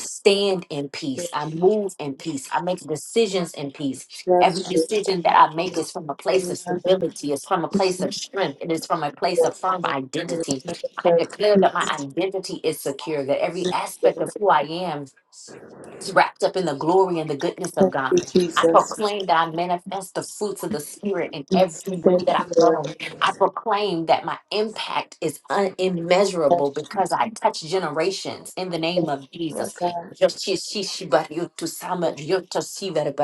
Stand in peace. I move in peace. I make decisions in peace.
Yes, Jesus.
And that I make is from a place of
Come on, Lord.
identity. It's from a place of strength. It is from a place of identity.
Yes, I declare
Clear
peace
that my identity is secure. That every
and
act
favor.
of who I am is wrapped up in the glory and the goodness.
Thank you, Jesus.
Claim that I manifest the fruits of the spirit and
Thank you, Lord.
proclaim that my impact is un- immeasurable
Yes, Jesus.
Because I touch generations in the name
Thank
of
you,
Jesus.
Lord God.
Declare
Lord,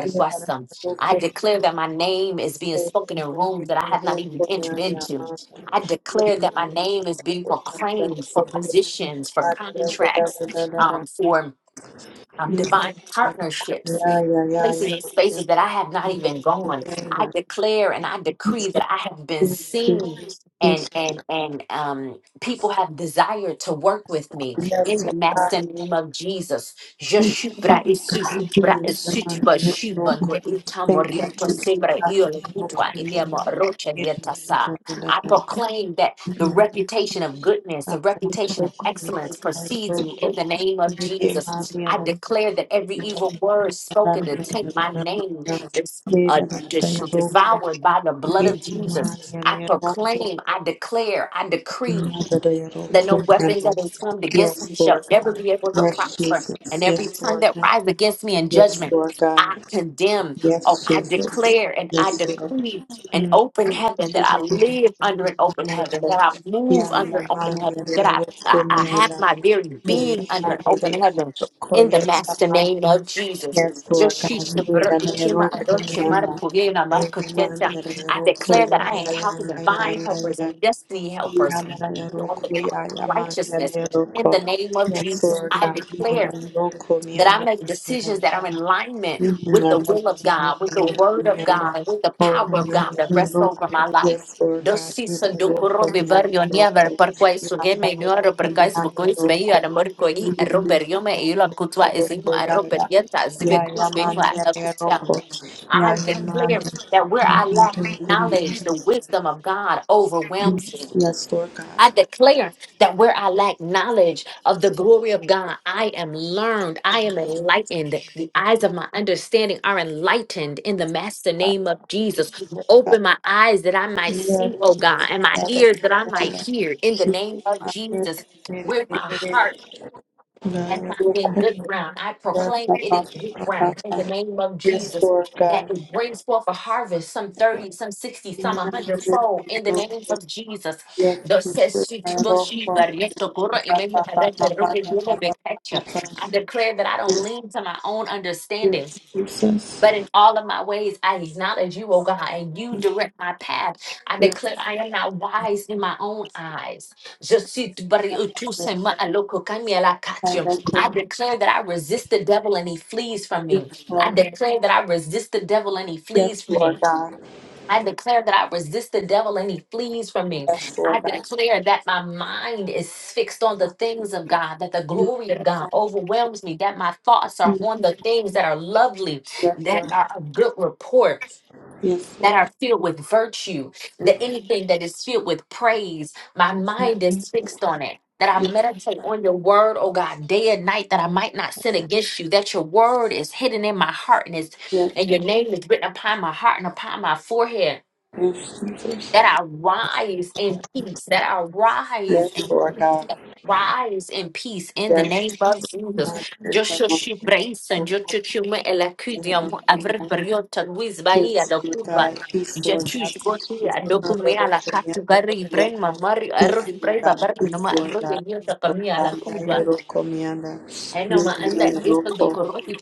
we have a local
that my name is being
media
spoken
in
in
my name,
rooms that I
and
have
a
not.
local media, um,
I declare
in the name
my name is being
of God, and
proclaimed
a local media.
missions for,
Ah, da, da, da, da, da, da, da.
for um,
Mm.
divine partner
Yeah, yeah, yeah, yeah.
spaces that I have not even gone. Declare and I decree I have been
Yes, Lord.
seen
Yes,
and and and um people have desired to work with me.
Yes, yes,
In the name of Jesus.
Father, in the mighty name thank you. Lord, for that and
Proclaim that. reputation of goodness of
Father, we pray for you, Lord, for your God.
the name of Jesus.
You gave us the other
declare that every evil word
God, the
spoken
other God,
is
God. May that of thy
devoured by the
you
blood
gave
of
us the other God, the
him. I declare, I decree that no
other
weapon
God, the other God.
is formed against
Yes, Lord
us, never
God.
be able to
Yes, Jesus.
and every
Yes, Lord
that
God.
rise against me and judge
Yes, Lord God.
condemn,
Yes, Jesus.
declare, and I
Yes, Lord.
breathe an
Mm.
open heaven, live under an open heaven, that I move
Yeah, yeah, my dear,
my very being
Yes,
under
Lord God, we need a little
the
Korean.
name of Jesus.
Yes, Lord God, we need a little Korean. Oh,
Forgive me, my
yes, Lord God, we need a little
destiny helper,
Korean.
in the name of
Yes, Lord God, we need a little
Jesus, that I make decisions that
Korean.
are in alignment of God with the word of God, and with the power of my life. Pergoniadar parkway
Yes, Lord God. Yes, Lord
that where I lack the wisdom of God over
God.
I declare that where I lack knowledge of the glory of God, I am learned, I am enlightened. The eyes of my understanding are enlightened in the master name of Jesus. Open my eyes that I might
Yes,
see, oh God, and my
Father,
ears that I might
Koryana,
hear in the name of Jesus.
Father, Koryana,
where my heart
Koryana, Koryana.
ground. I proclaim
Papa, Papa,
the name of Jesus.
Yes, Lord God.
brings forth a harvest, some 30, some 60.
Yes, Lord God.
Jesus,
Yes,
the
Sister, Roko,
Sugura
Papa, Papa, Papa, Papa, Papa,
declared that I don't
yes,
lean to my own understanding,
yes, Jesus.
but in all of my ways I acknowledge you, O God, and you direct my path. I
Yes,
declare I am not wise in my own eyes. Je suis tout bari- euh, tout
Lord.
seulement à l'occasion à la carte.
Yaya,
Declare that I resist the devil and he flees from
Yes,
me.
Lord God.
Declare that I resist the devil and he flees.
Yes, Lord God.
I declare that I resist the devil and he flees from me.
Yes, Lord God.
declare that my mind is fixed on the things of God, that the glory of God overwhelms me, that my thoughts are on the things that are lovely,
Yes,
that
Lord.
are of good report,
Yes,
that
Lord
are filled with virtue, anything that is filled with praise. My
God.
mind is fixed on it, that I
Yes, Lord
meditate
God.
on your word, oh God, day and night, that I might not sin against you, that your word is hidden in my heart and, is,
Yes,
and your name is written upon my heart and upon my forehead,
yes, Jesus.
that I rise in peace, that I rise
Yes, Lord God.
Rise in peace in the name
Yes,
of Jesus.
God. Yes, Lord
Braisa
God.
chuchuma
Yes,
elacudium
Lord God.
briota wizbai
Peace, Lord God. Peace, peace, Lord God. Double command,
adoputubari
double
mamari
Peace,
arohi
Lord
braiba
God. Peace, Lord God. Peace, Lord God. Yahweh Roko Mianda.
enam
Yahweh Roko.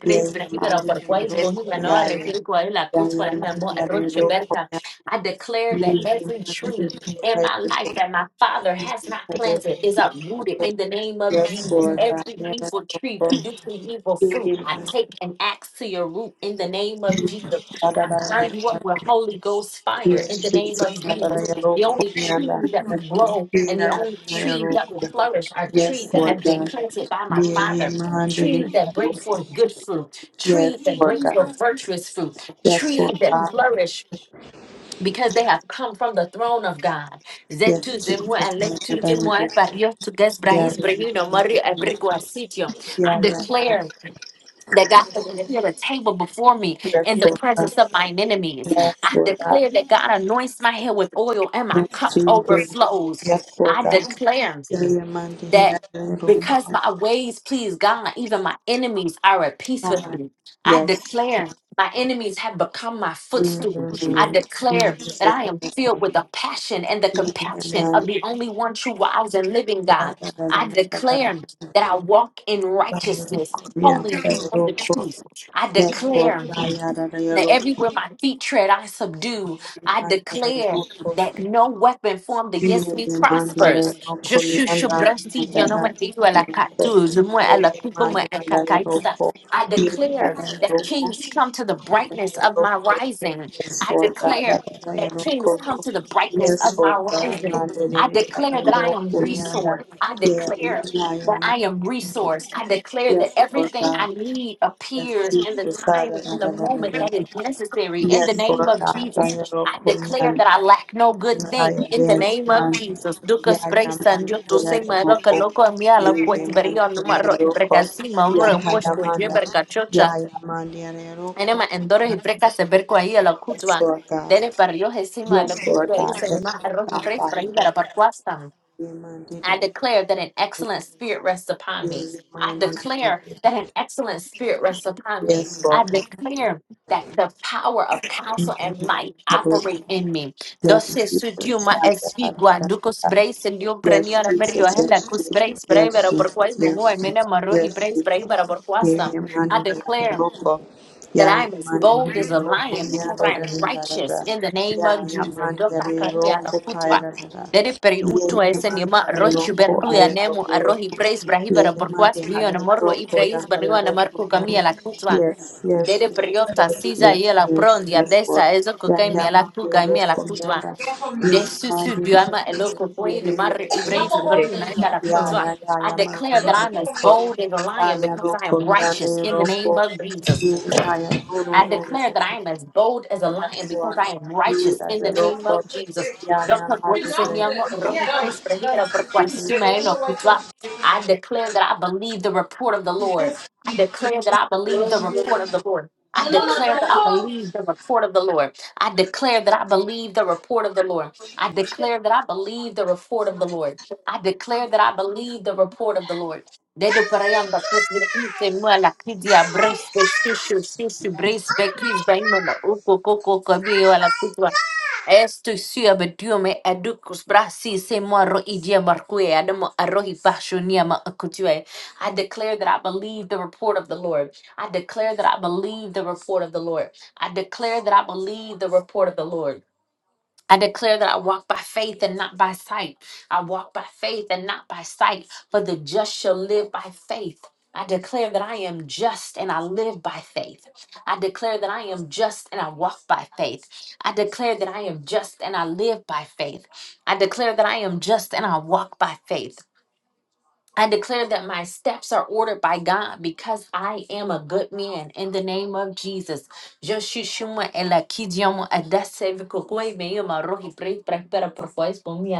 Yahweh Mandi
wise
Roko. Yahweh.
guailaku.
Yes, Lord God, man, I look for
I declare that am I that my father had it is up in the name of Jesus.
Yes, Lord God. Yes, Lord God. Yes,
evil fruit and axe to your root in the name of the Holy Ghost fire
Lord God.
blow flourish I sit by my feet that bring good fruit
Yes,
virtuous fruit flourish because they have come from the throne of God
Jesus.
Barrios to Gus Brahis Brahino Murray Abrigua Sitio. Clear the table before me
Yes, Lord God.
of mine enemies.
Yes, Lord God.
That God anoints my head with oil and my
Yes, Jesus.
flows.
Yes, Lord God.
Clear
In your mind, in your
that
little
as
God.
my ways please God, even my enemies are at peace with I
Yes.
declare my enemies have become my foot.
Mm. Yes, Lord
Declare filled with the passion and the com-
God.
the only one true wise and living
Yada,
God
yada, yada,
that I walk in right. I declare
yada, yada. yada.
feet tread, I subdue. I declare that no weapon formed against Iguala tu, zumuela. I look, I declare,
Yes,
come to the brightness, amazing
Yes, Lord God. that is why you don't
things
cook.
come to the brightness.
Yes, Lord God. man, that is why
Declare
you
that
don't cook, yonder.
I declare
Yeah, yeah, yeah, man.
I am resource. I declare that
Yes, Lord God.
my need
Yes,
appears
Jesus. Father, da, da, da, da, da.
necessary. In
Yes, Lord God. that you don't cook, yonder.
that I lack no good
Yaya man, yaya
name of
mani,
Dukas
yaya
Maroka
moko,
Loco Miala
yeye mani
Quatberio
tera roko,
Martima
yaya mani,
Chocha
yaya mani
and Emma and Dora
yaya
Ibreka Seberko
roko.
Ayala Kutu
Yes, Lord God.
Dene Barrio Hesima
Yes, Lord God. Yes, Lord God. Father, yes,
Quastam.
yeye mani,
Declare that an excellent spirit rests upon me.
yeye
Declare that an excellent spirit rests upon me
Yes, Lord
Clear that the power of might
God.
in me.
Yes, Jesus.
Guandu sendiu
Yes,
prenia
Jesus. Yes, Jesus. Yes,
vera por
Jesus.
quais mungu
Yes,
amena
Jesus.
marro he
Yes,
prays brai bara
Jesus.
por quais
Yeah, yeah, man, da, da, da, da,
declare
loco. Yeah, yeah, man, da,
boldness
da, da, loco. Yeah, da, da, da, da, da, da.
in the name
Yeah, yeah, man, da, da, da, loco. Kaya, da, da, da.
de de peri
Yeah, yeah, man,
ultima
da, da, da,
rosh
loco. Aya, da, da, loco.
he prays brahi bara
Yes, yes, yes,
morro mi la kutwa priota
yes, yes,
ye la prota
yes, yes, Lord.
eso
Yeah, yeah, my dear Lord, come here, and, uh,
kama
we demand it, we
elo
demand it, we demand it, we
Not the
demand
whole thing
it.
though.
Yeah, yeah, yeah, yeah, my dear Lord, come. Ah, yeah, Lord, come here, and, uh, Lord, come. Yeah, ah, yeah, Lord, Lord, Lord, Lord,
Clear that
come.
I'm as bold as a lion Jesus declare that I'm as bold as a lion
Yes,
because
Lord.
I am righteous
Yeah, yeah, Lord, come.
Jesus
Yeah, yeah, my
She's off
dear
this.
Lord,
Yeah.
praise brahi bara
come.
I declare that I believe the report of the Lord. I declare that I believe the report of the Lord.
No,
I
no, no,
declare
don't.
that I
Oh
believe the report of the Lord. I declare that I believe the report of the Lord. I declare that I believe the report of the Lord. I declare that I believe the report of the Lord. Dedo
my
parayanda kesbi kimse
gosh!
mwa la kidia
Oh my
bresbe shushu
gosh!
shushu bresbe
Oh my
krisbe imana
gosh!
uko koko kabi
Oh
wala
my
kutwa.
gosh!
Estoy siabediume educus brasi se moro idia marque adamo arohi basho niama akutue. I declare that I believe the report of the Lord. I declare that I believe the report of the Lord. I declare that I believe the report of the Lord. I declare that I walk by faith and not by sight. I walk by faith and not by sight, for the just shall live by faith. I declare that I am just and I live by faith. I declare that I am just and I walk by faith. I declare that I am just and I live by faith. I declare that I am just and I walk by faith. I declare that my steps are ordered by God because I am a good man in the name of Jesus. Eu sou uma ela que diamo a dessa e que coi meio marro e prei para para para faz bom e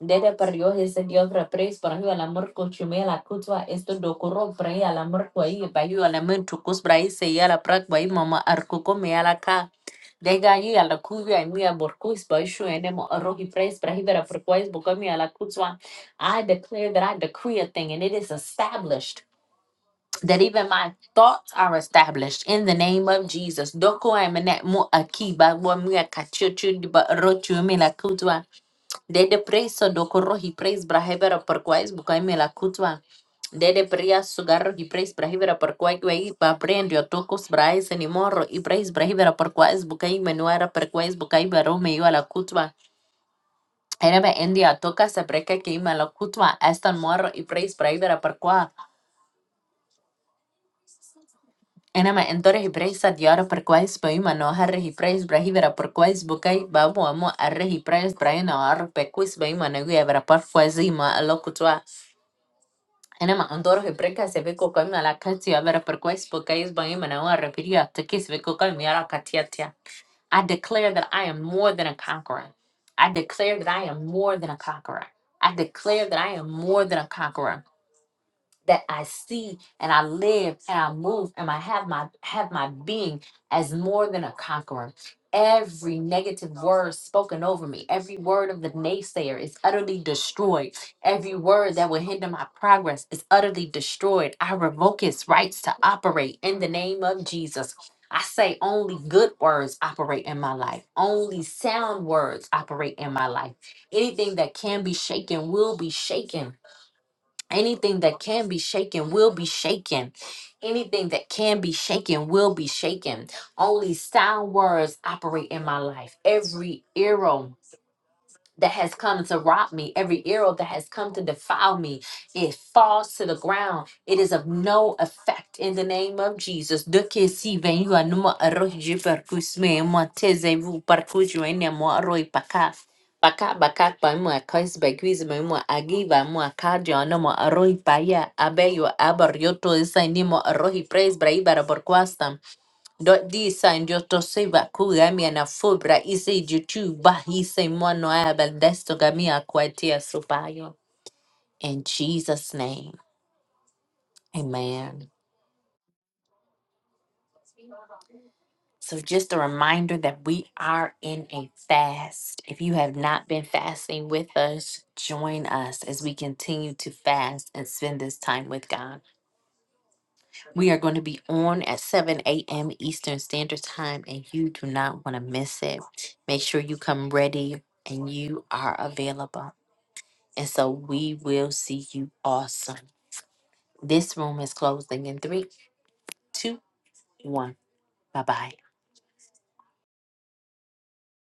Dede perdió ese Dios repres para yo al amor con la cutua esto docoro para yo al amor cuai para yo al amor chucus para yo se ya la prak para yo mama arcuco me a la ca de gaño y a la cuya y mi aborcus para yo ene mo arroji pres para yo vera por cuais boca me a la cutua I declare that I decree a thing and it is established that even my thoughts are established in the name of Jesus. Doko emene mo akiba wo mi akachu chu ba rochu mi la Dede prei sodokoro hi preis brahebera parkwais bukai melakutwa. Dede pria sugarro hi preis brahebera parkwai kwai pa prendio tokos brais animorro i preis brahebera parkwais bukai menuera parkwais bukai baro meio ala kutwa. Enema endia toka se breka que ima la estan morro i preis brahebera parkwa. Enema entore hi preis adiara parkwais pa ima no harre hi preis brahebera parkwais bukai babu amo arre hi preis brahebera parkwais ba ima neguebera parkwais ima ala kutwa. En ima andor hibrika se ve koko imi ala avera per quais pokais bangi mana wa rapiria tekis ve koko imi ala I declare that I am more than a conqueror. I declare that I am more than a conqueror. I declare that I am more than a conqueror that I see and I live and I move and I have my have my being as more than a conqueror. Every negative word spoken over me, every word of the naysayer is utterly destroyed. Every word that will hinder my progress is utterly destroyed. I revoke its rights to operate in the name of Jesus. I say only good words operate in my life. Only sound words operate in my life. Anything that can be shaken will be shaken Anything that can be shaken will be shaken. Anything that can be shaken will be shaken. Only sound words operate in my life. Every arrow that has come to rob me, every arrow that has come to defile me, it falls to the ground. It is of no effect in the name of Jesus. De que si ven yo anuma arroz je parcus me emo teze vu parcus yo ene mo arroz paka. Paka baka pa mo akais ba quiz ba mo agiva mo akadio anuma arroz paya abeyo abar yo to esa ni mo arroz praise bra ibara por quastam disa ndioto seba na fubra ise jutuba ise mono abeldesto gamia kwatia subayo. In Jesus' name, amen. So just a reminder that we are in a fast. If you have not been fasting with us, join us as we continue to fast and spend this time with God. We are going to be on at 7 a.m. Eastern Standard Time, and you do not want to miss it. Make sure you come ready and you are available. And so we will see you awesome. This room is closing in three, two, one. Bye bye.